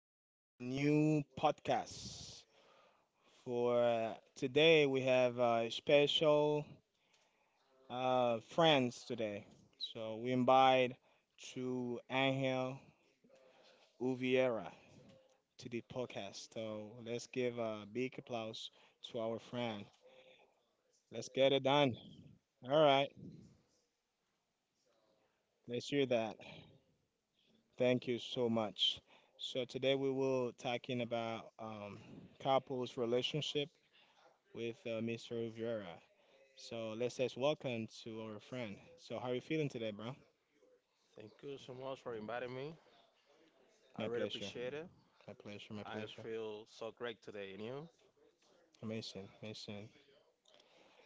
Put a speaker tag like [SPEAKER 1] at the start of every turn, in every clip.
[SPEAKER 1] to a new podcast. For today, we have special friends today. So we invite to Angel Uviera to the podcast. So let's give a big applause to our friend. Let's get it done. All right, let's hear that. Thank you so much. So today we will talking about couples relationship with Mr. Rivera. So let's just welcome to our friend. So how are you feeling today, bro?
[SPEAKER 2] Thank you so much for inviting me. I
[SPEAKER 1] My
[SPEAKER 2] really
[SPEAKER 1] pleasure.
[SPEAKER 2] appreciate it.
[SPEAKER 1] My pleasure. My
[SPEAKER 2] I
[SPEAKER 1] pleasure.
[SPEAKER 2] feel so great today, and you?
[SPEAKER 1] Amazing. Amazing.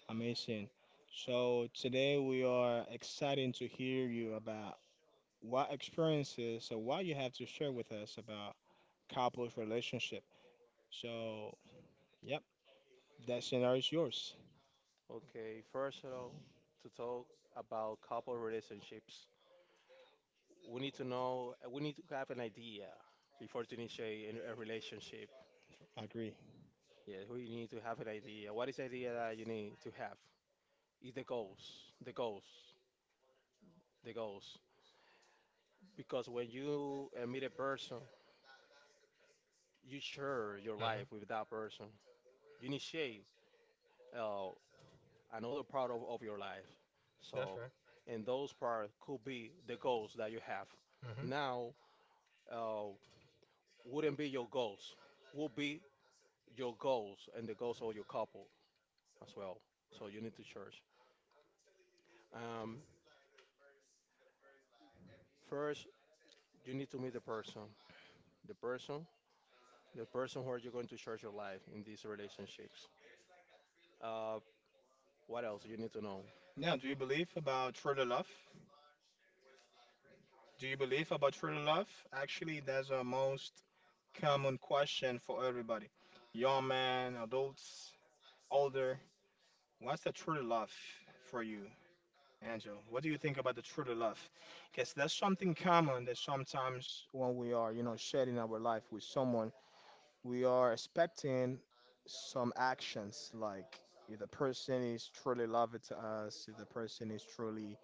[SPEAKER 1] Amazing. So today we are excited to hear you about what experiences or what you have to share with us about couples relationship. So yep, that scenario is yours.
[SPEAKER 2] Okay, first of all, to talk about couple relationships, we need to know, we need to have an idea before to initiate a relationship.
[SPEAKER 1] I agree.
[SPEAKER 2] Yeah, we need to have an idea. What is the idea that you need to have? Is the goals, the goals, the goals. Because when you meet a person, you share your life
[SPEAKER 1] Mhm.
[SPEAKER 2] with that person. You initiate uh, another part of your life.
[SPEAKER 1] That's
[SPEAKER 2] So,
[SPEAKER 1] right.
[SPEAKER 2] and those parts could be the goals that you have.
[SPEAKER 1] Hmm.
[SPEAKER 2] Now, uh, wouldn't be your goals, would be your goals and the goals of your couple as well. So you need to church. Um, First, you need to meet the person, the person where you're going to church your life in these relationships. Uh, what else you need to know?
[SPEAKER 1] Now, do you believe about true love? Do you believe about true love? Actually, that's a most common question for everybody. Young men, adults, older. What's the true love for you, Angel? What do you think about the true love? Because that's something common that sometimes when we are, sharing our life with someone, we are expecting some actions like if the person is truly loved to us, if the person is truly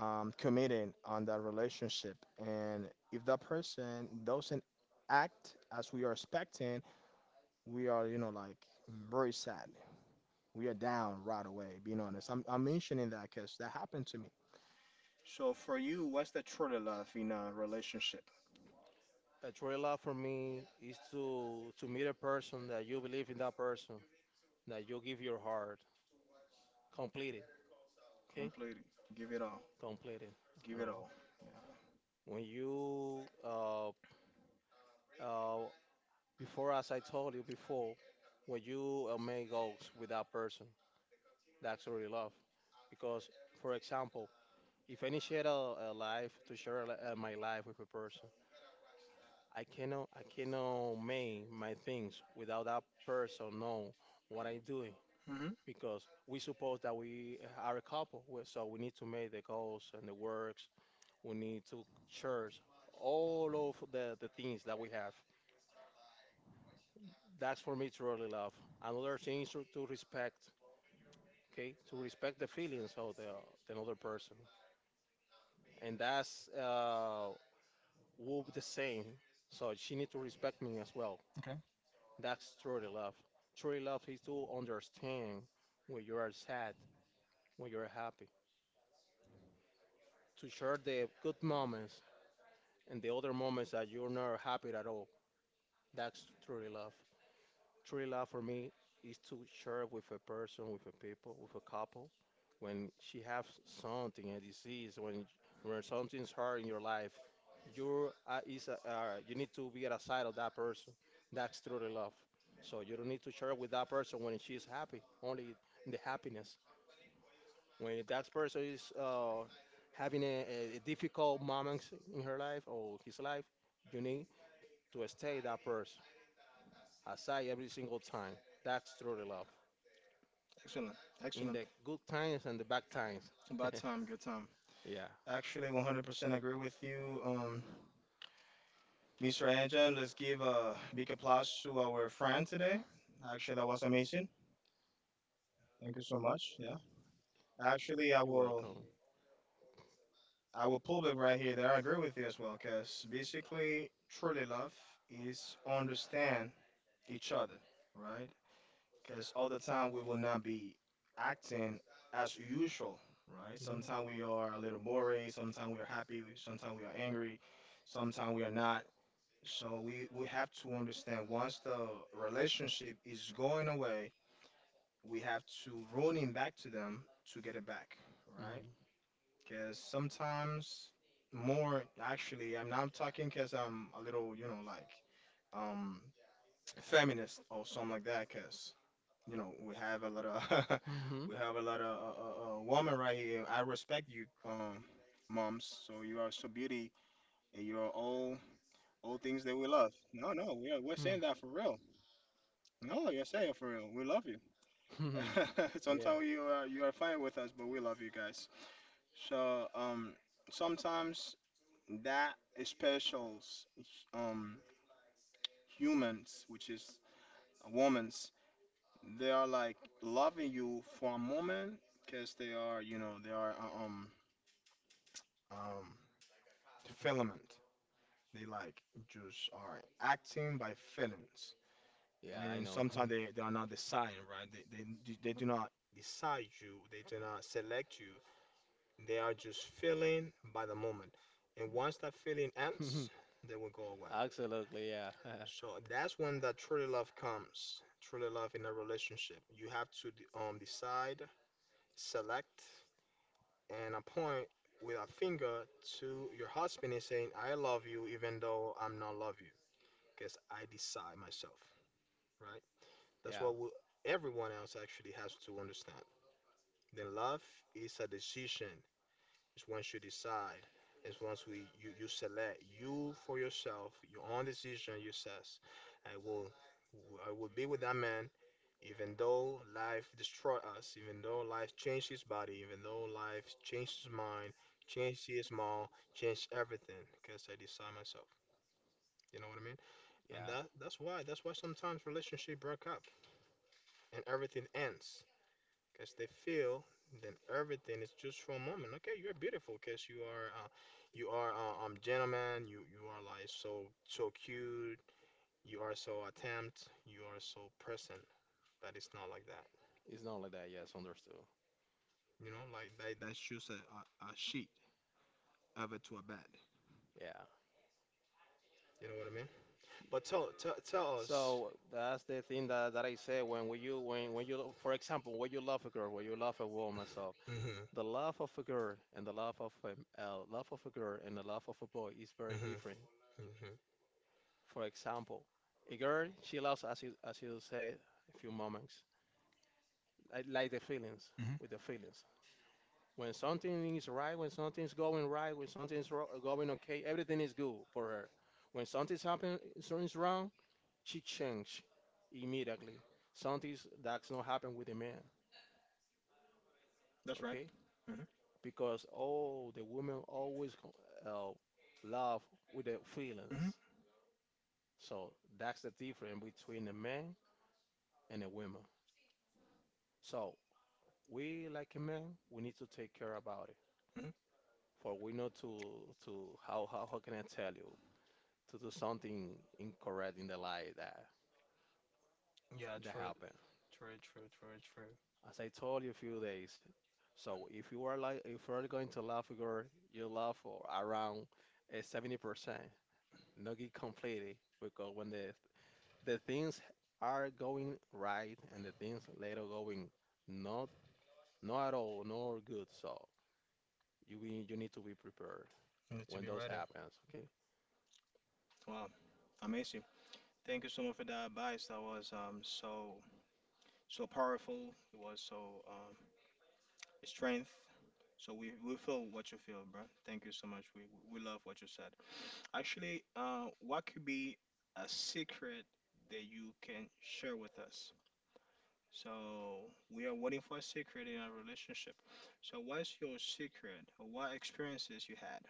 [SPEAKER 1] committing on that relationship. And if that person doesn't act as we are expecting, we are, you know, like very sad. We are down right away, being honest. I'm mentioning that because that happened to me. So for you, what's the truly love in a relationship?
[SPEAKER 2] A true love for me is to meet a person that you believe in that person, that you give your heart completely. Okay,
[SPEAKER 1] Completely. Give it all.
[SPEAKER 2] completed. I
[SPEAKER 1] Give it
[SPEAKER 2] know.
[SPEAKER 1] all. Yeah.
[SPEAKER 2] When you uh before, as I told you before, when you make goals with that person, that's really love. Because, for example, if I initiate a life to share my life with a person, I cannot make my things without that person know what I am doing.
[SPEAKER 1] Mm-hmm.
[SPEAKER 2] Because we suppose that we are a couple, so we need to make the goals and the works. We need to cherish all of the things that we have. That's for me to really love. Another thing is to respect, okay? To respect the feelings of the another person. And that's Whoop the same. So she need to respect me as well.
[SPEAKER 1] Okay.
[SPEAKER 2] That's truly love. Truly love is to understand when you are sad, when you're happy. To share the good moments and the other moments that you're not happy at all. That's truly love. True love for me is to share with a person, with a people, with a couple, when she has something, a disease, when something's hard in your life, you need to be at the side of that person. That's truly love. So you don't need to share with that person when she's happy, only the happiness. When that person is having a difficult moments in her life or his life, you need to stay that person aside every single time. That's truly love.
[SPEAKER 1] Excellent.
[SPEAKER 2] In
[SPEAKER 1] Excellent.
[SPEAKER 2] the good times and the bad times.
[SPEAKER 1] About time. Good time.
[SPEAKER 2] Yeah,
[SPEAKER 1] Actually, 100% agree with you. Mr. Anjan, let's give a big applause to our friend today. Actually, that was amazing. Thank you so much. Yeah. Actually,
[SPEAKER 2] you're welcome.
[SPEAKER 1] I will pull back right here. There, I agree with you as well, because basically, truly love is understand each other, right? Because all the time we will not be acting as usual, right?
[SPEAKER 2] Mhm.
[SPEAKER 1] Sometimes we are a little boring. Sometimes we are happy. Sometimes we are angry. Sometimes we are not. So we have to understand once the relationship is going away, we have to run it back to them to get it back, right? Because sometimes more actually, I'm not talking because I'm a little, you know, like um, feminist or something like that. Because you know, we have a lot of
[SPEAKER 2] Mhm.
[SPEAKER 1] we have a lot of woman right here. I respect you, moms. So you are so beauty and you're all things that we love. No, no, we're
[SPEAKER 2] Mhm. Mhm.
[SPEAKER 1] saying that for real. No, you're safe for real. We love you.
[SPEAKER 2] Mhm. Yeah,
[SPEAKER 1] Sometimes you are fine with us, but we love you guys. So sometimes that specials um humans, which is women's, they are like loving you for a moment because they are you know they are um filament. They like just are acting by feelings,
[SPEAKER 2] yeah, I
[SPEAKER 1] and
[SPEAKER 2] know.
[SPEAKER 1] sometimes
[SPEAKER 2] Mhm.
[SPEAKER 1] they are not deciding right. They they do not decide you. They do not select you. They are just feeling by the moment. And once that feeling ends, they will go away.
[SPEAKER 2] Absolutely, yeah,
[SPEAKER 1] So that's when that truly love comes. Truly love in a relationship. You have to decide, select, and appoint with a finger to your husband and saying, I love you even though I'm not love you. Because I decide myself. That's
[SPEAKER 2] yeah,
[SPEAKER 1] what we, everyone else actually has to understand. Then love is a decision. It's once you decide. It's once we you, select you for yourself, your own decision. You says, I will I will be with that man, even though life destroy us, even though life changed his body, even though life changed his mind, changed his mom, changed everything. Because I decide myself. You know what I mean? And
[SPEAKER 2] yeah.
[SPEAKER 1] that's why sometimes relationship break up and everything ends because they feel then everything is just for a moment. Okay, you're beautiful because you are gentleman. You are like so cute. You are so attempt. You are so present. But it's not like that.
[SPEAKER 2] It's not like that. Yes, understood.
[SPEAKER 1] You know, like that's just a sheet over to a bed.
[SPEAKER 2] Yeah.
[SPEAKER 1] You know what I mean? But tell us.
[SPEAKER 2] So that's the thing that I say when we you when you lo- for example, when you love a girl, when you love a woman, so
[SPEAKER 1] Mm-hmm.
[SPEAKER 2] the love of a girl and the love of a girl and the love of a boy is very
[SPEAKER 1] Mm-hmm.
[SPEAKER 2] different.
[SPEAKER 1] Mm-hmm.
[SPEAKER 2] For example, a girl, she loves, as you said, a few moments, like the feelings,
[SPEAKER 1] Mm-hmm.
[SPEAKER 2] with the feelings. When something is right, when something's going right, when something's ro going okay, everything is good for her. When something's happening, something's wrong, she change immediately. Something that's not happen with a man.
[SPEAKER 1] That's right.
[SPEAKER 2] Okay,
[SPEAKER 1] Mm-hmm.
[SPEAKER 2] because oh, the women always uh, love with their
[SPEAKER 1] Mm-hmm.
[SPEAKER 2] feelings. So that's the difference between a man and a woman. So we, like a man, we need to take care about it.
[SPEAKER 1] Mm-hmm.
[SPEAKER 2] For we know to how can I tell you to do something incorrect in the life that
[SPEAKER 1] Yeah,
[SPEAKER 2] that
[SPEAKER 1] true,
[SPEAKER 2] happened.
[SPEAKER 1] true, true, true, true.
[SPEAKER 2] As I told you a few days, so if you are like, if you are going to love a girl, you love for around 70%, not get completely, because when the things are going right and the things later going not not at all nor good. So you you need to be prepared
[SPEAKER 1] Need to
[SPEAKER 2] when
[SPEAKER 1] be
[SPEAKER 2] those
[SPEAKER 1] ready.
[SPEAKER 2] happens. Okay.
[SPEAKER 1] Wow, amazing. Thank you so much for that advice. That was so so powerful. It was so um strength. So we feel what you feel, bro. Thank you so much. We love what you said. Actually, what could be a secret that you can share with us? So we are waiting for a secret in our relationship. So what's your secret or what experiences you had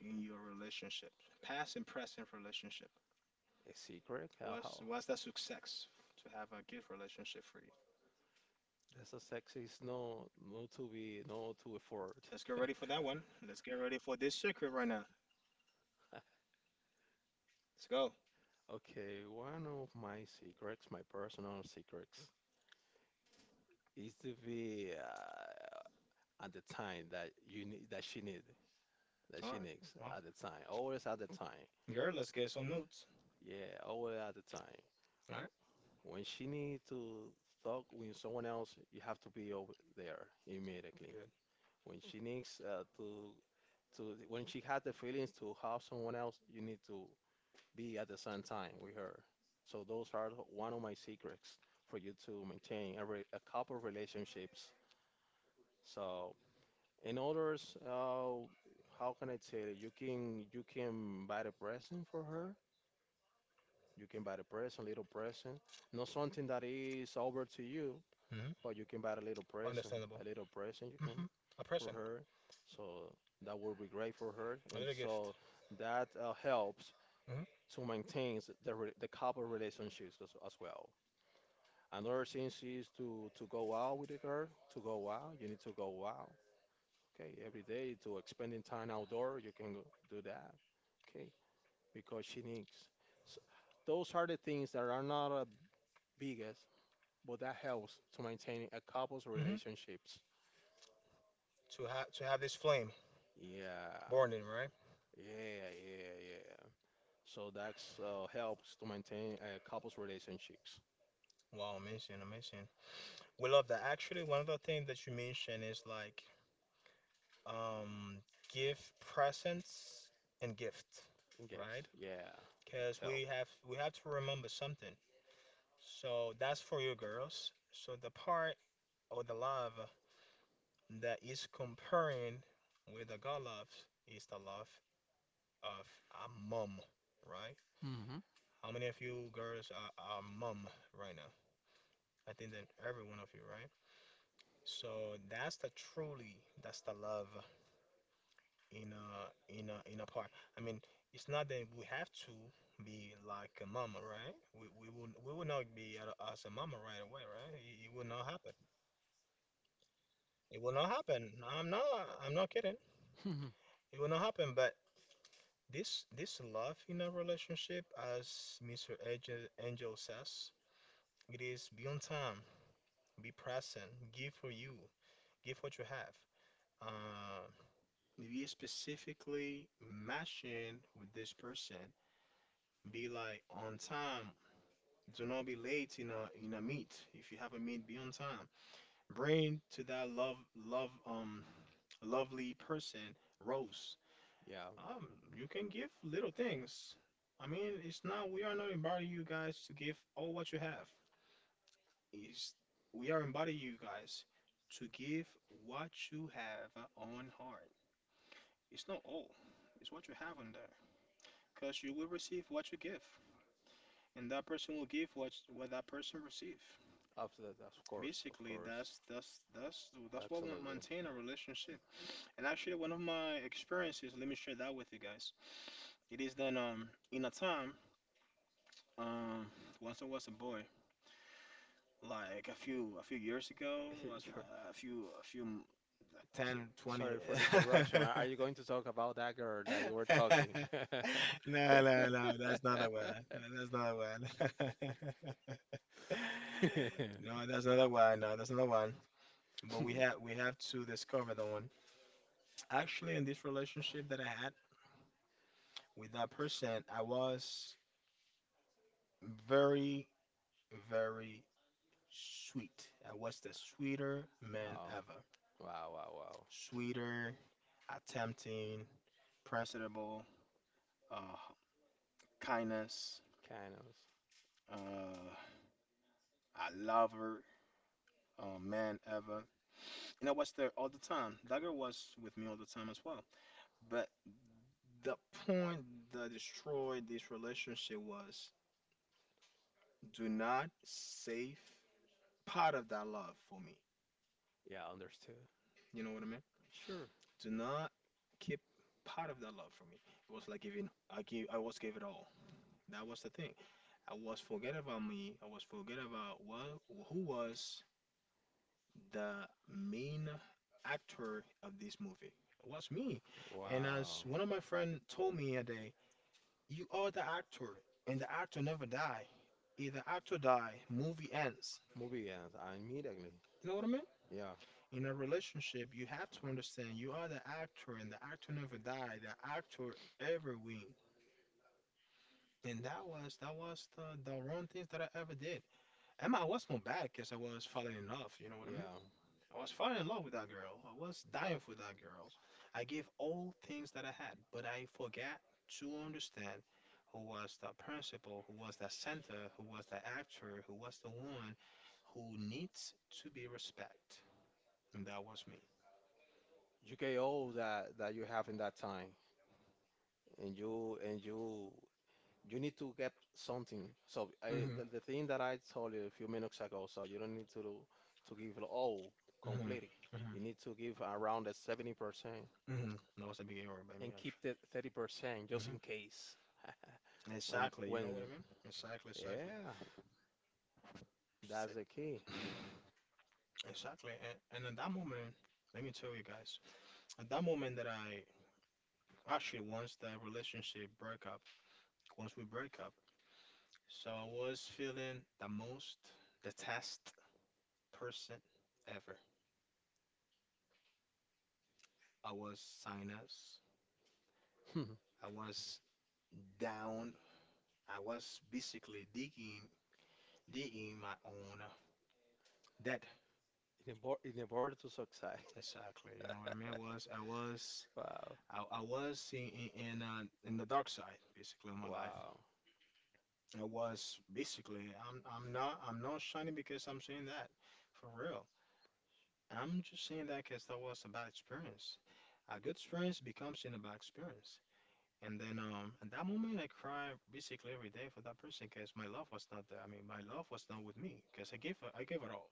[SPEAKER 1] in your relationship, past and present relationship?
[SPEAKER 2] A secret? How how?
[SPEAKER 1] What's that success to have a good relationship for you?
[SPEAKER 2] That's a sexy. Is no no to be no to afford.
[SPEAKER 1] Let's get ready for that one. Let's get ready for this secret right now. Let's go.
[SPEAKER 2] Okay, one of my secrets, my personal secrets, is to be at the time that you need that she need that
[SPEAKER 1] All
[SPEAKER 2] she
[SPEAKER 1] right.
[SPEAKER 2] needs
[SPEAKER 1] Well,
[SPEAKER 2] at the time. Always at the time.
[SPEAKER 1] girl, let's get some notes.
[SPEAKER 2] Yeah, always at the time.
[SPEAKER 1] All right.
[SPEAKER 2] When she need to talk with someone else, you have to be over there immediately.
[SPEAKER 1] Good.
[SPEAKER 2] When she needs to when she has the feelings to help someone else, you need to be at the same time with her. So those are one of my secrets for you to maintain a, re a couple relationships. So in others, how can I tell you? You can buy the present for her. You can buy the present, little present, not something that is over to you.
[SPEAKER 1] Hmm.
[SPEAKER 2] But you can buy
[SPEAKER 1] Understandable.
[SPEAKER 2] a little present you
[SPEAKER 1] Hmm.
[SPEAKER 2] can
[SPEAKER 1] A
[SPEAKER 2] for
[SPEAKER 1] person,
[SPEAKER 2] her. So that would be great for her.
[SPEAKER 1] a
[SPEAKER 2] And
[SPEAKER 1] little gift.
[SPEAKER 2] so that helps
[SPEAKER 1] Hmm.
[SPEAKER 2] to maintain the couple relationships as well. Another thing is to go out with a girl, to go out, you need to go out. Okay, every day to spending time outdoor, you can do that. Okay, because she needs. s- those are the things that are not the biggest, but that helps to maintain a couple's
[SPEAKER 1] Hmm.
[SPEAKER 2] relationships.
[SPEAKER 1] To have this flame
[SPEAKER 2] Yeah,
[SPEAKER 1] born in, right?
[SPEAKER 2] yeah, yeah, yeah. So that's helps to maintain a couple's relationships
[SPEAKER 1] Wow, amazing, amazing. We love that. Actually, one of the things that you mentioned is like um give presence and gift,
[SPEAKER 2] and gifts.
[SPEAKER 1] right?
[SPEAKER 2] Yeah, that's
[SPEAKER 1] Because
[SPEAKER 2] help.
[SPEAKER 1] we have to remember something. So that's for you girls. So the part or the love that is comparing with the God love is the love of a mom, right?
[SPEAKER 2] Hmm.
[SPEAKER 1] How many of you girls are mom right now? I think that every one of you, right? So that's the truly, that's the love in a in a in a part. I mean, it's not that we have to be like a mama, right? We will not be a- as a mama right away, right? It will not happen. It will not happen. I'm not kidding. It will not happen. But this love in a relationship, as Mr. Angel, Angel says, it is be on time, be present, give for you, give what you have. Uh, be specifically matching with this person be like on time. Do not be late in a meet. If you have a meet, be on time. Bring to that love lovely person rose.
[SPEAKER 2] Yeah,
[SPEAKER 1] Um, you can give little things. I mean, it's not we are not inviting you guys to give all what you have. It's we are inviting you guys to give what you have on heart. It's not all. It's what you have on there. Because you will receive what you give. And that person will give what that person receive.
[SPEAKER 2] after that, of
[SPEAKER 1] Basically,
[SPEAKER 2] course,
[SPEAKER 1] that's what will
[SPEAKER 2] absolutely.
[SPEAKER 1] maintain a relationship. And actually, one of my experiences, let me share that with you guys. It is that in a time um once I was a boy, like a few years ago, was
[SPEAKER 2] You're,
[SPEAKER 1] like a few m- like
[SPEAKER 2] s-
[SPEAKER 1] 10 20.
[SPEAKER 2] Sorry for the interruption. Are you going to talk about that girl that you were talking?
[SPEAKER 1] No, no, that's not the one. That's not the one. No, that's not that one. No, that's not that one. But we have to discover the one. Actually, in this relationship that I had with that person, I was very, very sweet. I was the sweeter man ever.
[SPEAKER 2] Wow, wow, wow, wow.
[SPEAKER 1] Sweeter, attempting, principled, uh, kindness,
[SPEAKER 2] Kindness. Kindness.
[SPEAKER 1] uh, a lover, man ever. And I was there all the time. That girl was with me all the time as well. But the point that destroyed this relationship was do not save part of that love for me.
[SPEAKER 2] Yeah, understood.
[SPEAKER 1] You know what I mean?
[SPEAKER 2] Sure.
[SPEAKER 1] Do not keep part of that love for me. It was like giving I was gave it all. That was the thing. I was forget about me. I was forget about what who was the main actor of this movie. It was me. And as
[SPEAKER 2] Wow.
[SPEAKER 1] one of my friend told me a day, you are the actor and the actor never die. If the actor die, movie ends.
[SPEAKER 2] Movie ends. Immediately.
[SPEAKER 1] You know what I mean?
[SPEAKER 2] Yeah.
[SPEAKER 1] In a relationship, you have to understand you are the actor, and the actor never died. The actor ever win, and that was the wrong things that I ever did. And I was not bad because I was falling in love. You know what I mean?
[SPEAKER 2] Yeah.
[SPEAKER 1] I was falling in love with that girl. I was dying for that girl. I gave all things that I had, but I forgot to understand who was the principal, who was the center, who was the actor, who was the one who needs to be respect, and that was me.
[SPEAKER 2] You get all that you have in that time, and you need to get something. So I,
[SPEAKER 1] Hmm.
[SPEAKER 2] the, the thing that I told you a few minutes ago. So you don't need to give all
[SPEAKER 1] Hmm.
[SPEAKER 2] completely.
[SPEAKER 1] Hmm.
[SPEAKER 2] You need to give around the 70%
[SPEAKER 1] Hmm. That was a big error by me,
[SPEAKER 2] and keep
[SPEAKER 1] actually.
[SPEAKER 2] the 30%
[SPEAKER 1] Hmm.
[SPEAKER 2] just
[SPEAKER 1] Mhm.
[SPEAKER 2] in case. When Exactly.
[SPEAKER 1] Exactly. You know what
[SPEAKER 2] when
[SPEAKER 1] I mean? Exactly. Yeah, exactly.
[SPEAKER 2] Yeah, that's
[SPEAKER 1] That.
[SPEAKER 2] the key.
[SPEAKER 1] Exactly. And at that moment, let me tell you guys, at that moment that I actually once the relationship broke up, once we break up, so I was feeling the most detest person ever. I was sinus. I was down. I was basically digging my own debt.
[SPEAKER 2] In order to succeed.
[SPEAKER 1] Exactly. You know what I mean? I was, I was,
[SPEAKER 2] Wow.
[SPEAKER 1] I, I was in the dark side, basically, of my life.
[SPEAKER 2] Wow.
[SPEAKER 1] I was basically, I'm not shining because I'm saying that, for real. I'm just saying that because that was a bad experience. A good experience becomes in a bad experience. And then at that moment I cry basically every day for that person because my love was not there. I mean my love was not with me because I gave it all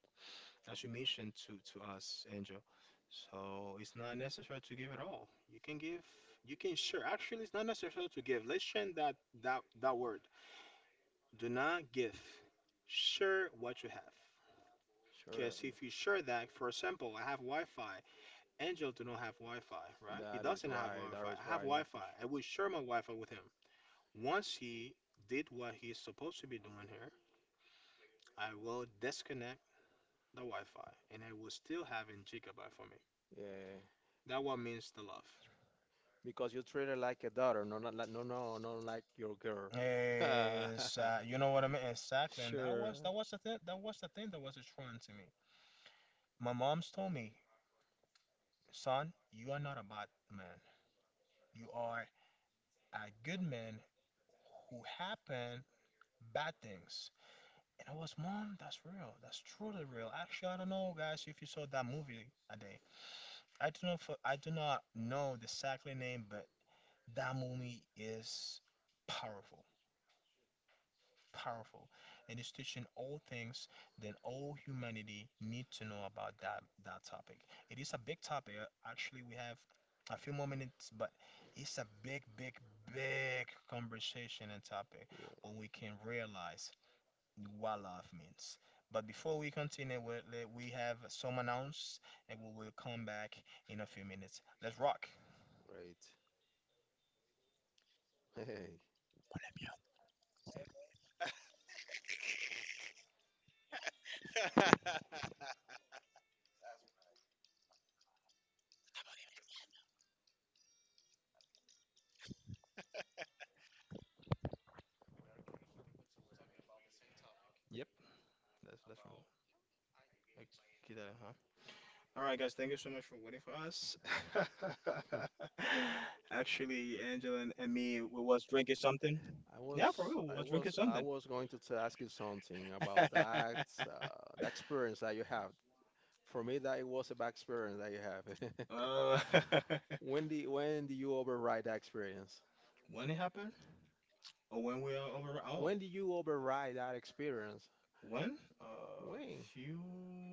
[SPEAKER 1] as you mentioned to us, Angel. So it's not necessary to give it all. You can give you can share. Actually, it's not necessary to give. Let's change that word. Do not give. Share what you have.
[SPEAKER 2] Sure.
[SPEAKER 1] Because if you share that, for example, I have Wi-Fi. Angel do not have Wi-Fi, right? He
[SPEAKER 2] That is
[SPEAKER 1] doesn't have
[SPEAKER 2] right.
[SPEAKER 1] Wi-Fi.
[SPEAKER 2] That is
[SPEAKER 1] I have
[SPEAKER 2] right.
[SPEAKER 1] Wi-Fi. I will share my Wi-Fi with him. Once he did what he's supposed to be doing here, I will disconnect the Wi-Fi and I will still having gigabyte for me.
[SPEAKER 2] Yeah.
[SPEAKER 1] That what means the love.
[SPEAKER 2] Because you treat her like a daughter, no, not like, no, no, no, like your girl.
[SPEAKER 1] Is You know what I mean? Exactly. And that
[SPEAKER 2] Sure.
[SPEAKER 1] was that was the thing that was destroying to me. My mom's told me, son, you are not a bad man. You are a good man who happen bad things. And I was, Mom, that's real. That's truly real. Actually, I don't know, guys, if you saw that movie a day. I do not know the exactly name, but that movie is powerful, powerful, and it's teaching all things that all humanity need to know about that topic. It is a big topic. Actually, we have a few more minutes, but it's a big, big, big conversation and topic
[SPEAKER 2] Yeah.
[SPEAKER 1] where we can realize what love means. But before we continue, we have some announce, and we will come back in a few minutes. Let's rock.
[SPEAKER 2] Right. Hey,
[SPEAKER 1] All right, guys, thank you so much for waiting for us. Actually, Angela and me, we was drinking something.
[SPEAKER 2] I
[SPEAKER 1] Yeah, for
[SPEAKER 2] was,
[SPEAKER 1] real, we
[SPEAKER 2] I
[SPEAKER 1] was drinking
[SPEAKER 2] was, I
[SPEAKER 1] something.
[SPEAKER 2] was going to ask you something about that, the experience that you have. For me, that it was a bad experience that you have.
[SPEAKER 1] Oh,
[SPEAKER 2] When do you override that experience?
[SPEAKER 1] when it happened? Oh, when we are over, oh,
[SPEAKER 2] When do you override that experience?
[SPEAKER 1] when? A
[SPEAKER 2] When?
[SPEAKER 1] few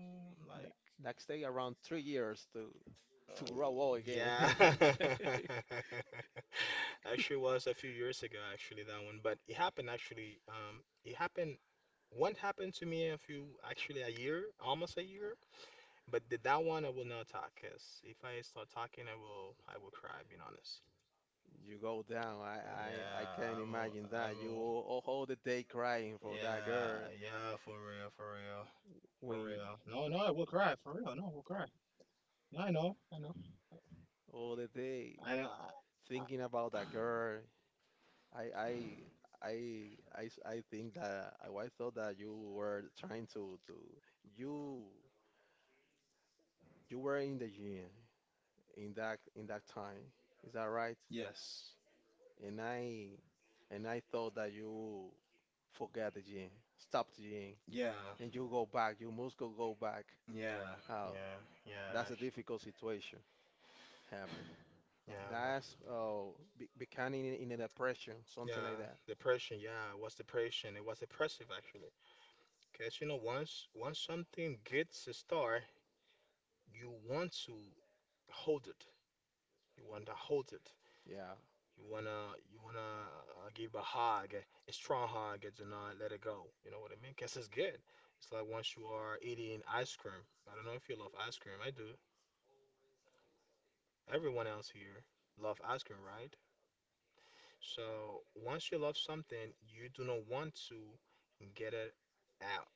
[SPEAKER 2] That,
[SPEAKER 1] like.
[SPEAKER 2] that take around 3 years to grow old
[SPEAKER 1] Yeah.
[SPEAKER 2] again.
[SPEAKER 1] Actually, was a few years ago. Actually, that one, but it happened. Actually, it happened. One happened to me a few, actually a year, almost a year. But that one I will not talk, cause if I start talking, I will cry. Being honest.
[SPEAKER 2] You
[SPEAKER 1] You
[SPEAKER 2] go down. I
[SPEAKER 1] Yeah, yeah,
[SPEAKER 2] can't
[SPEAKER 1] I will.
[SPEAKER 2] imagine
[SPEAKER 1] I see
[SPEAKER 2] that. You
[SPEAKER 1] will.
[SPEAKER 2] all the day crying for that
[SPEAKER 1] Yeah,
[SPEAKER 2] girl.
[SPEAKER 1] yeah, for real, for real, for
[SPEAKER 2] When
[SPEAKER 1] real. No, no, I will cry, for real. No, I will cry. Yeah, I know, I know.
[SPEAKER 2] all the day
[SPEAKER 1] I know. I,
[SPEAKER 2] thinking about that girl. I I I I think that I thought that you were trying to you you were in the gym, in that time. Is that right?
[SPEAKER 1] the yes.
[SPEAKER 2] And I and I thought that you forget the gym, stop the gym,
[SPEAKER 1] Yeah,
[SPEAKER 2] and you go back. You must go back.
[SPEAKER 1] yeah,
[SPEAKER 2] How?
[SPEAKER 1] yeah, yeah,
[SPEAKER 2] That's a difficult situation. Happen.
[SPEAKER 1] yeah, bro.
[SPEAKER 2] That's be becoming in a
[SPEAKER 1] Like,
[SPEAKER 2] depression,
[SPEAKER 1] yeah,
[SPEAKER 2] something
[SPEAKER 1] like
[SPEAKER 2] like that.
[SPEAKER 1] that. Depression. Yeah, it was depression. It was depressive actually. Cause you know, once something gets a start. You want to hold it. You want to hold it.
[SPEAKER 2] Yeah,
[SPEAKER 1] You wanna give a hug, a strong hug, and to not let it go. You know what I mean? Guess it's good. It's like once you are eating ice cream. I don't know if you love ice cream. I do. Everyone else here love ice cream, right? So once you love something, you do not want to get it out.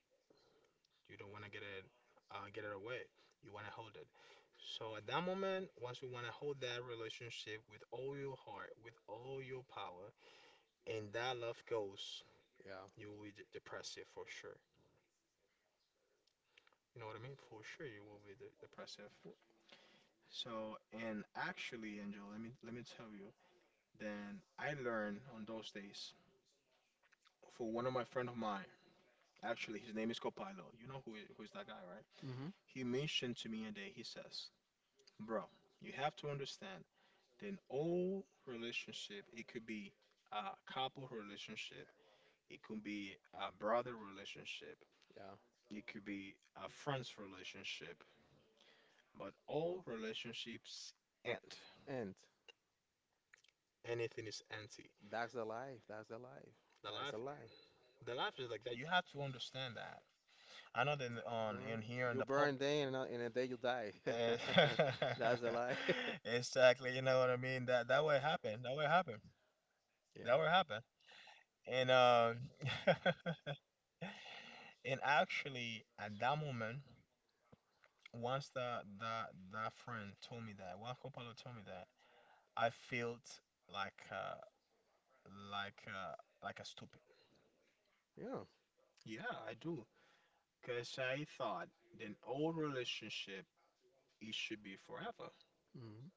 [SPEAKER 1] You don't want to get it away. You want to hold it. So at that moment, once you want to hold that relationship with all your heart, with all your power, and that love goes,
[SPEAKER 2] yeah.
[SPEAKER 1] you will be depressive for sure. You know what I mean? For sure, you will be de depressive. So, and actually, Angel, let me tell you. Then I learned on those days for one of my friend of mine. Actually, his name is Copilo. You know who is that guy, right?
[SPEAKER 2] Mm-hmm.
[SPEAKER 1] He mentioned to me a day. He says, "Bro, you have to understand. Then old relationship, it could be a couple relationship, it could be a brother relationship,
[SPEAKER 2] Yeah.
[SPEAKER 1] it could be a friends relationship. But all relationships end.
[SPEAKER 2] And
[SPEAKER 1] Anything is empty.
[SPEAKER 2] that's the life. That's the life.
[SPEAKER 1] The
[SPEAKER 2] That's
[SPEAKER 1] life,
[SPEAKER 2] the life.
[SPEAKER 1] the life is like that. You have to understand that. I know that on
[SPEAKER 2] Burn,
[SPEAKER 1] in here in
[SPEAKER 2] you
[SPEAKER 1] the pub.
[SPEAKER 2] burn day and, in a day you die.
[SPEAKER 1] Eh,
[SPEAKER 2] That's a lie.
[SPEAKER 1] exactly, you know what I mean. That would happen. That would happen.
[SPEAKER 2] Yeah.
[SPEAKER 1] That would happen. And And actually, at that moment, once that friend told me that, Juan Coppola told me that, I felt like uh, like uh, like a stupid.
[SPEAKER 2] Yeah.
[SPEAKER 1] Yeah, I do, because I thought an old relationship it should be forever,
[SPEAKER 2] Hmm.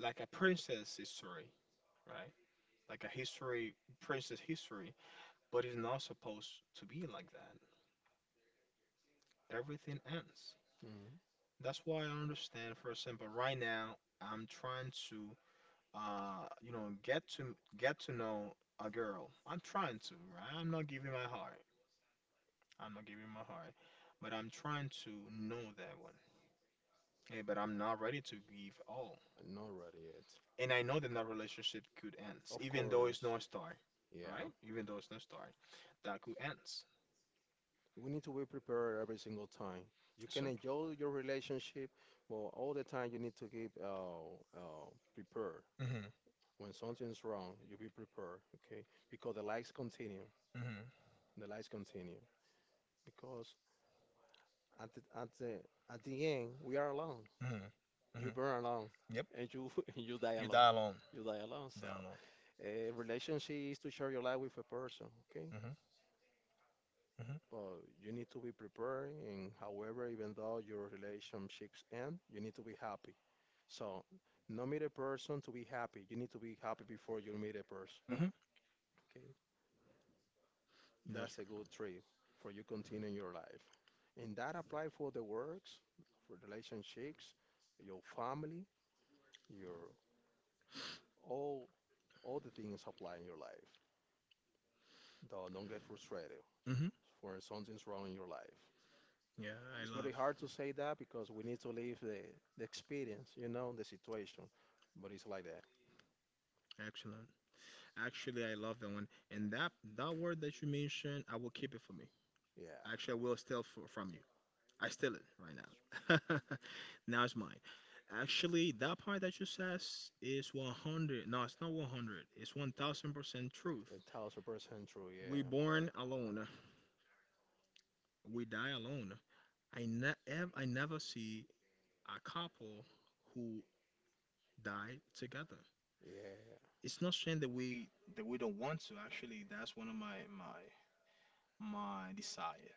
[SPEAKER 1] like a princess history, right? Like a history, princess history, but it's not supposed to be like that. Everything ends.
[SPEAKER 2] I'm
[SPEAKER 1] That's why I understand, for example, right now I'm trying to get to know a girl. I'm trying to, right? I'm not giving my heart. I'm not giving my heart, but I'm trying to know that one. Hey, but I'm not ready to give all.
[SPEAKER 2] not ready yet.
[SPEAKER 1] And I know that that relationship could end,
[SPEAKER 2] Of
[SPEAKER 1] even though
[SPEAKER 2] course.
[SPEAKER 1] it's no star,
[SPEAKER 2] Yeah.
[SPEAKER 1] right? Even though it's no star, that could end.
[SPEAKER 2] We need to be prepared every single time. You can
[SPEAKER 1] So.
[SPEAKER 2] enjoy your relationship, but all the time you need to keep prepared.
[SPEAKER 1] Mm-hmm.
[SPEAKER 2] When something's wrong, you be prepared, okay? Because the lies continue.
[SPEAKER 1] Mm-hmm.
[SPEAKER 2] The lies continue. Because at at the end, we are alone.
[SPEAKER 1] Mm-hmm.
[SPEAKER 2] You
[SPEAKER 1] Mm-hmm.
[SPEAKER 2] burn alone,
[SPEAKER 1] Yep.
[SPEAKER 2] and you and you die
[SPEAKER 1] You die
[SPEAKER 2] alone.
[SPEAKER 1] alone.
[SPEAKER 2] You die alone.
[SPEAKER 1] Die
[SPEAKER 2] So
[SPEAKER 1] alone.
[SPEAKER 2] a relationship is to share your life with a person, okay?
[SPEAKER 1] Mm-hmm. Mm-hmm,
[SPEAKER 2] But you need to be prepared, and however, even though your relationships end, you need to be happy. So no meet a person to be happy, you need to be happy before you meet a person.
[SPEAKER 1] mm-hmm.
[SPEAKER 2] Okay,
[SPEAKER 1] That's
[SPEAKER 2] that's a good trip for you continuing your life, and that apply for the works, for relationships, your family, your all all the things apply in your life. Though, don't get frustrated
[SPEAKER 1] right. Hmm,
[SPEAKER 2] for something's wrong in your life.
[SPEAKER 1] yeah, I
[SPEAKER 2] It's
[SPEAKER 1] love.
[SPEAKER 2] very hard to say that, because we need to live the experience, you know, the situation. But it's like that.
[SPEAKER 1] Excellent. Actually, I love that one. And that word that you mentioned, I will keep it for me.
[SPEAKER 2] Yeah.
[SPEAKER 1] Actually, I will steal from you. I steal it right now. Now it's mine. Actually, that part that you says is 100. No, it's not 100. It's 1000% truth.
[SPEAKER 2] 1,000% true.
[SPEAKER 1] We
[SPEAKER 2] Yeah.
[SPEAKER 1] born alone. We die alone. I ne ev I never see a couple who die together.
[SPEAKER 2] Yeah.
[SPEAKER 1] It's not saying that we don't want to. Actually, that's one of my desire,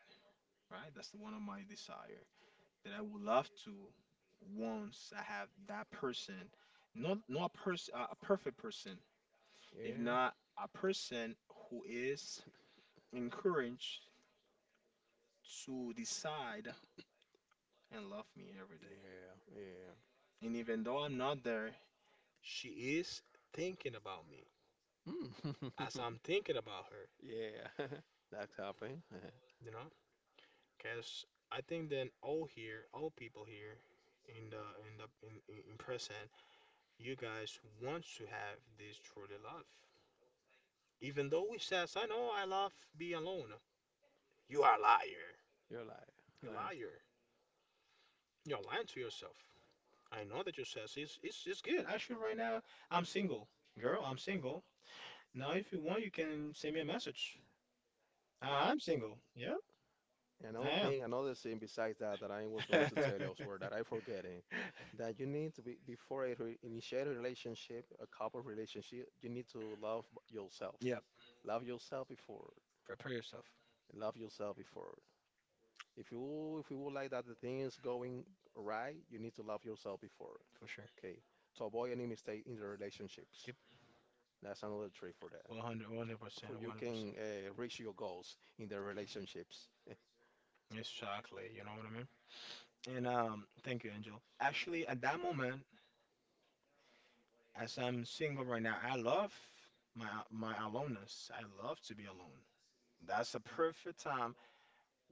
[SPEAKER 1] right? That's the one of my desire that I would love to, once I have that person, not a person, a perfect person, if
[SPEAKER 2] Yeah.
[SPEAKER 1] not a person who is encouraged to decide and love me every day. And even though I'm not there, she is thinking about me
[SPEAKER 2] Yeah. Yeah.
[SPEAKER 1] as
[SPEAKER 2] Hmm.
[SPEAKER 1] I'm thinking about her.
[SPEAKER 2] Yeah. That's happening.
[SPEAKER 1] You know, cause I think then all here, all people here in the in the in present, you guys want to have this truly love. Even though we says, I know I love be alone. You are a liar.
[SPEAKER 2] You're
[SPEAKER 1] You
[SPEAKER 2] like.
[SPEAKER 1] liar. You're lying to yourself. I know that you says it's good. Actually right now I'm single. Girl, I'm single. Now if you want you can send me a message. I'm single. Yeah, I am.
[SPEAKER 2] Another thing besides that I was going to tell you elsewhere that I forgetting, that you need to be before I re initiate a relationship, a couple relationship, you need to love yourself.
[SPEAKER 1] Yeah,
[SPEAKER 2] Love yourself before.
[SPEAKER 1] prepare yourself
[SPEAKER 2] Love yourself before. If you would like that the things going right, you need to love yourself before.
[SPEAKER 1] for sure.
[SPEAKER 2] Okay, to avoid any mistake in the relationships.
[SPEAKER 1] Yep,
[SPEAKER 2] That's another trick for that.
[SPEAKER 1] 100, 100%,
[SPEAKER 2] For
[SPEAKER 1] communicate,
[SPEAKER 2] you
[SPEAKER 1] 100%.
[SPEAKER 2] can reach your goals in the relationships.
[SPEAKER 1] Exactly, you know what I mean? And thank you, Angel. Actually, at that moment, as I'm single right now, I love my aloneness. I love to be alone. That's a perfect time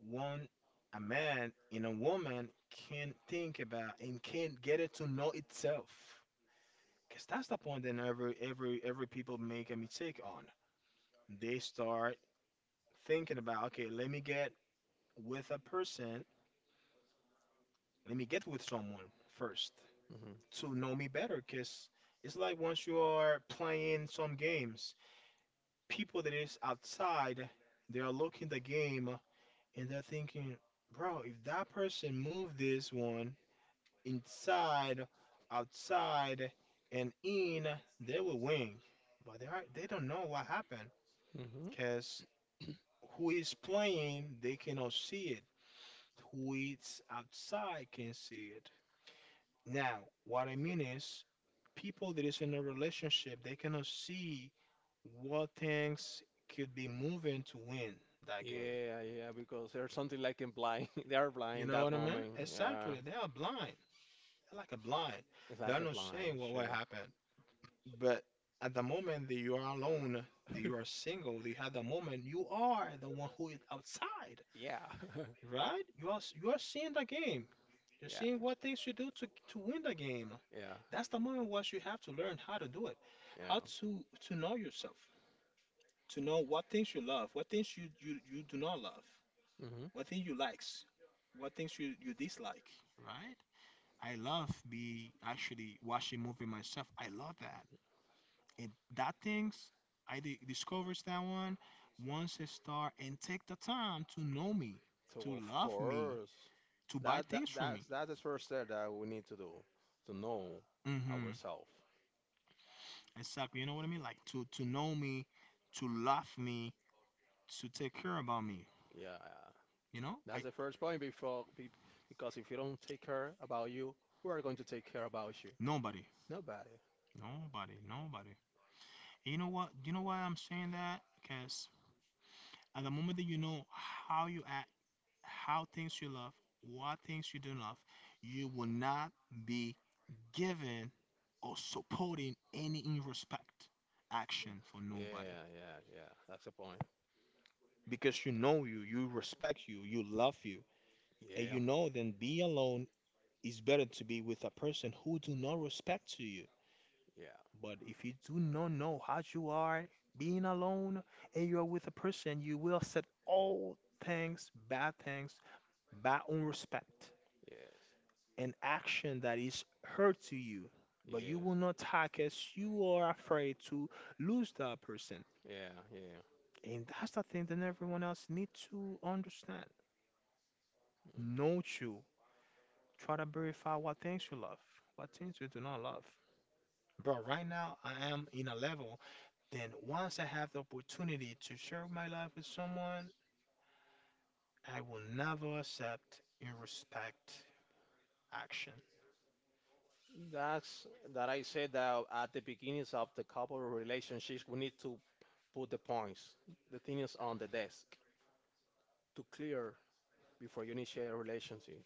[SPEAKER 1] one a man and a woman can think about and can get it to know itself. Cause that's the point that every people make a mistake on. They start thinking about, okay, let me get with a person. Let me get with someone first to know me better, cause it's like once you are playing some games, people that is outside, they are looking the game and they're thinking, bro, if that person moved this one inside, outside, and in, they will win. But they don't know what happened.
[SPEAKER 2] hmm
[SPEAKER 1] Because who is playing, they cannot see it. Who is outside can see it. Now, what I mean is, people that is in a relationship, they cannot see what things could be moving to win that game.
[SPEAKER 2] Yeah, yeah, because there's something like in blind. They are
[SPEAKER 1] You
[SPEAKER 2] blind
[SPEAKER 1] know
[SPEAKER 2] that
[SPEAKER 1] what I mean?
[SPEAKER 2] moment. Yeah,
[SPEAKER 1] Exactly. They are blind. They're like a blind.
[SPEAKER 2] it's
[SPEAKER 1] They
[SPEAKER 2] like
[SPEAKER 1] are
[SPEAKER 2] a
[SPEAKER 1] not
[SPEAKER 2] blind,
[SPEAKER 1] seeing what
[SPEAKER 2] sure.
[SPEAKER 1] happened. But at the moment that you are alone, that you are single, that you have the moment, you are the one who is outside,
[SPEAKER 2] Yeah,
[SPEAKER 1] right? You are seeing the game. You're
[SPEAKER 2] yeah,
[SPEAKER 1] seeing what things you do to win the game.
[SPEAKER 2] yeah,
[SPEAKER 1] That's the moment where you have to learn how to do it,
[SPEAKER 2] yeah.
[SPEAKER 1] how to know yourself, to know what things you love, what things you do not love,
[SPEAKER 2] Hmm.
[SPEAKER 1] what things you likes, what things you dislike. Right? I love be actually watching movie myself. I love that. And that things I discovers that one once I start and take the time to know me,
[SPEAKER 2] So
[SPEAKER 1] to
[SPEAKER 2] of
[SPEAKER 1] love me,
[SPEAKER 2] course,
[SPEAKER 1] to buy
[SPEAKER 2] that that
[SPEAKER 1] things from me.
[SPEAKER 2] that's that's the first step that we need to do to know
[SPEAKER 1] Mm-hmm.
[SPEAKER 2] ourselves.
[SPEAKER 1] Exactly. You know what I mean? Like to know me, to love me, to take care about me.
[SPEAKER 2] Yeah, yeah.
[SPEAKER 1] You know?
[SPEAKER 2] That's
[SPEAKER 1] I
[SPEAKER 2] the first point before, be, because if you don't take care about you, who are going to take care about you?
[SPEAKER 1] nobody,
[SPEAKER 2] Nobody.
[SPEAKER 1] nobody, nobody. You know what? You know why I'm saying that? Because at the moment that you know how you act, how things you love, what things you don't love, you will not be given or supporting any in action for nobody
[SPEAKER 2] Yeah, yeah, yeah. That's the point.
[SPEAKER 1] because you know you, you respect you, you love you.
[SPEAKER 2] Yeah,
[SPEAKER 1] And
[SPEAKER 2] yeah,
[SPEAKER 1] you know then be alone is better to be with a person who do not respect to you.
[SPEAKER 2] yes,
[SPEAKER 1] But if you do not know how you are being alone and you are with a person, you will set all things, bad unrespect,
[SPEAKER 2] yeah,
[SPEAKER 1] an action that is hurt to you. But
[SPEAKER 2] yeah,
[SPEAKER 1] you
[SPEAKER 2] yeah.
[SPEAKER 1] will not talk as you are afraid to lose that person. And that's the thing that everyone else need to understand. Know you. Try to verify what things you love, what things you do not love. Bro, right now I am in a level, then once I have the opportunity to share my life with someone, I will never accept and respect action.
[SPEAKER 2] That's that I said that at the beginnings of the couple relationships, we need to put the points, the things on the desk to clear before you initiate a relationship.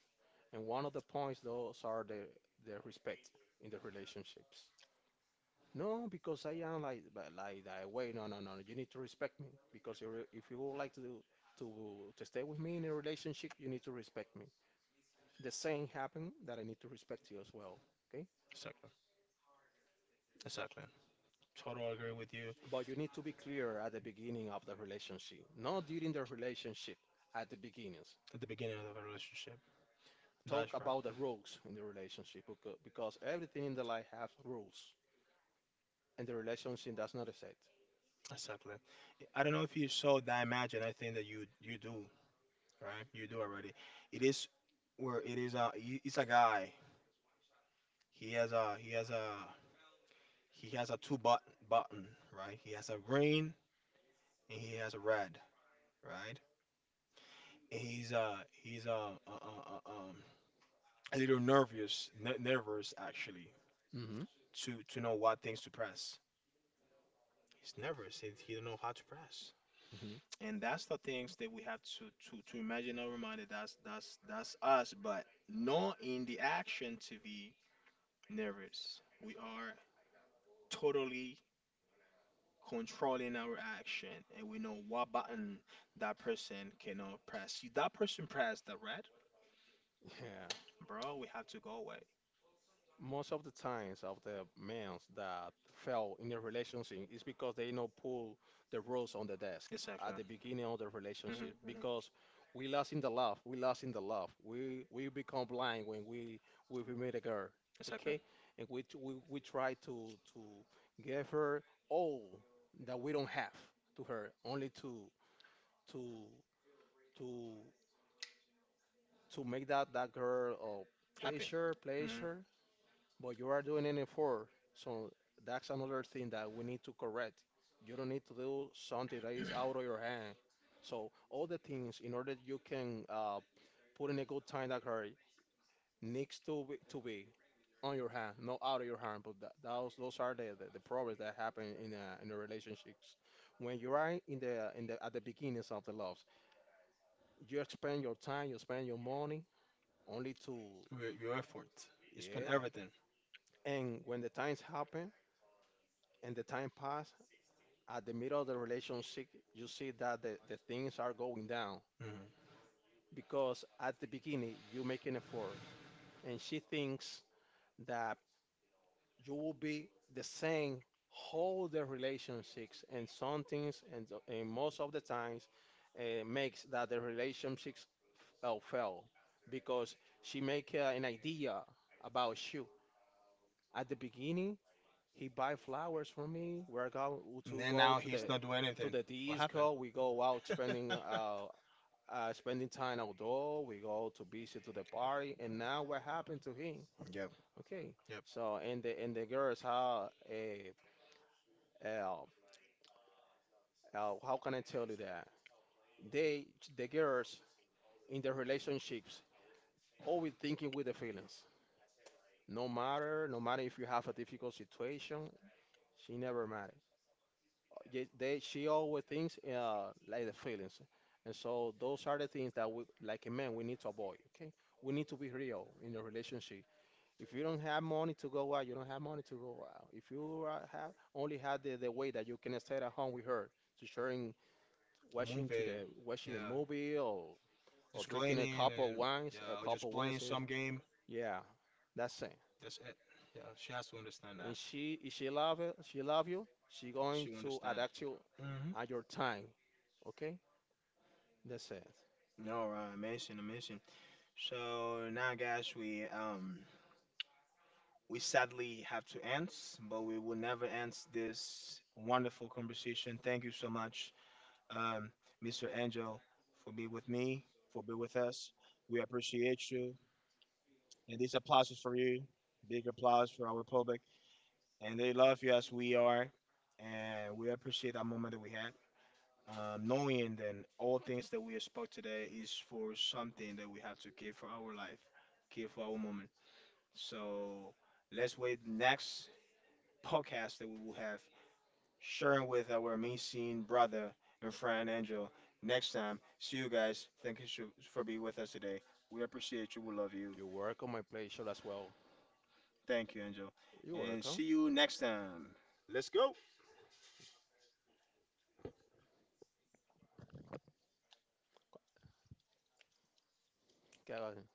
[SPEAKER 2] And one of the points those are the respect in the relationships. No, because I am like but like that way. No, no, no. No. You need to respect me because you if you would like to to stay with me in a relationship, you need to respect me. The same happened that I need to respect you as well. Okay,
[SPEAKER 1] Exactly. Exactly. Totally agree with you
[SPEAKER 2] but you need to be clear at the beginning of the relationship, not during the relationship. At the beginnings,
[SPEAKER 1] at the beginning of a relationship. That's
[SPEAKER 2] talk
[SPEAKER 1] right.
[SPEAKER 2] about the rules in the relationship because everything in the life has rules, and the relationship does not set.
[SPEAKER 1] Exactly. I don't know if you saw that imagine. I think that you do, right? You do already. It is where it is. It's a guy. He has a he has a he has a two button, right? He has a green and he has a red, right? And he's a little nervous actually
[SPEAKER 2] Hmm.
[SPEAKER 1] to know what things to press. He's nervous. He don't know how to press. And that's the things that we have to imagine our mind. That's us, but not in the action to be nervous. We are totally controlling our action and we know what button that person cannot press. If that person press the red,
[SPEAKER 2] Yeah,
[SPEAKER 1] bro, we have to go away.
[SPEAKER 2] most of the times of the men that fail in a relationship is because they no pull the rules on the desk
[SPEAKER 1] Exactly.
[SPEAKER 2] at the beginning of the
[SPEAKER 1] Mhm,
[SPEAKER 2] relationship
[SPEAKER 1] mhm.
[SPEAKER 2] because we lost in the love, we lost in the love, we become blind when we meet a girl,
[SPEAKER 1] Exactly.
[SPEAKER 2] okay, and we we try to give her all that we don't have to her only to to to make that that girl of
[SPEAKER 1] Happy.
[SPEAKER 2] pleasure
[SPEAKER 1] Mhm.
[SPEAKER 2] pleasure But you are doing it in four, so that's another thing that we need to correct. You don't need to do something that is out of your hand. So all the things in order you can put in a good time that hurry needs to be on your hand, not out of your hand. But that, those are the problems that happen in the relationships. When you are in the at the beginnings of the love, you spend your time, you spend your money only to
[SPEAKER 1] Your effort. You spend
[SPEAKER 2] yeah.
[SPEAKER 1] everything.
[SPEAKER 2] And when the times happen and the time pass at the middle of the relationship, you see that the things are going down
[SPEAKER 1] Mhm.
[SPEAKER 2] because at the beginning you make an effort and she thinks that you will be the same whole the relationships and some things and, and most of the times makes that the relationships fail because she make an idea about you at the beginning he buy flowers for me we're going
[SPEAKER 1] And
[SPEAKER 2] to
[SPEAKER 1] then
[SPEAKER 2] go
[SPEAKER 1] now he's not doing
[SPEAKER 2] to
[SPEAKER 1] anything.
[SPEAKER 2] the
[SPEAKER 1] What
[SPEAKER 2] East
[SPEAKER 1] happened?
[SPEAKER 2] Coast. We go out spending spending time outdoor. We go to visit to the party. And now what happened to him?
[SPEAKER 1] Yep.
[SPEAKER 2] Okay.
[SPEAKER 1] Yep.
[SPEAKER 2] So and the girls uh, how can I tell you that they the girls in their relationships always thinking with the feelings. No matter if you have a difficult situation, she never matters. Ye- they she always thinks like the feelings, and so those are the things that we like a man we need to avoid, okay, we need to be real in a relationship. If you don't have money to go out you don't have money to go out. If you have only had the way that you can stay at home with her to sharing
[SPEAKER 1] A
[SPEAKER 2] watching to
[SPEAKER 1] movie.
[SPEAKER 2] the watching a
[SPEAKER 1] Yeah.
[SPEAKER 2] movie or
[SPEAKER 1] Just
[SPEAKER 2] drinking a
[SPEAKER 1] cleaning
[SPEAKER 2] cup of
[SPEAKER 1] and
[SPEAKER 2] wines, a
[SPEAKER 1] yeah, or
[SPEAKER 2] cup
[SPEAKER 1] just
[SPEAKER 2] of
[SPEAKER 1] playing
[SPEAKER 2] wines is-
[SPEAKER 1] some game.
[SPEAKER 2] yeah, that's it.
[SPEAKER 1] That's it. Yeah, she has to understand that.
[SPEAKER 2] And she if she love it she love you she going
[SPEAKER 1] She will
[SPEAKER 2] to
[SPEAKER 1] understand.
[SPEAKER 2] adapt you
[SPEAKER 1] Mm-hmm.
[SPEAKER 2] at your time, okay. That's it.
[SPEAKER 1] All right, amazing, amazing. So now, guys, we sadly have to end, but we will never end this wonderful conversation. Thank you so much, um, Mr. Angel, for being with me, for being with us. We appreciate you, and these applause is for you. Big applause for our public, and they love you as we are, and we appreciate that moment that we had. Knowing that all things that we spoke today is for something that we have to give for our life, give for our moment. So let's wait next podcast that we will have sharing with our amazing brother and friend Angel. Next time, see you guys. Thank you so- for being with us today. We appreciate you. We love you.
[SPEAKER 2] You work on my play show as well.
[SPEAKER 1] Thank you, Angel.
[SPEAKER 2] You
[SPEAKER 1] And
[SPEAKER 2] work
[SPEAKER 1] see
[SPEAKER 2] on.
[SPEAKER 1] you next time. Let's go.
[SPEAKER 2] Okay,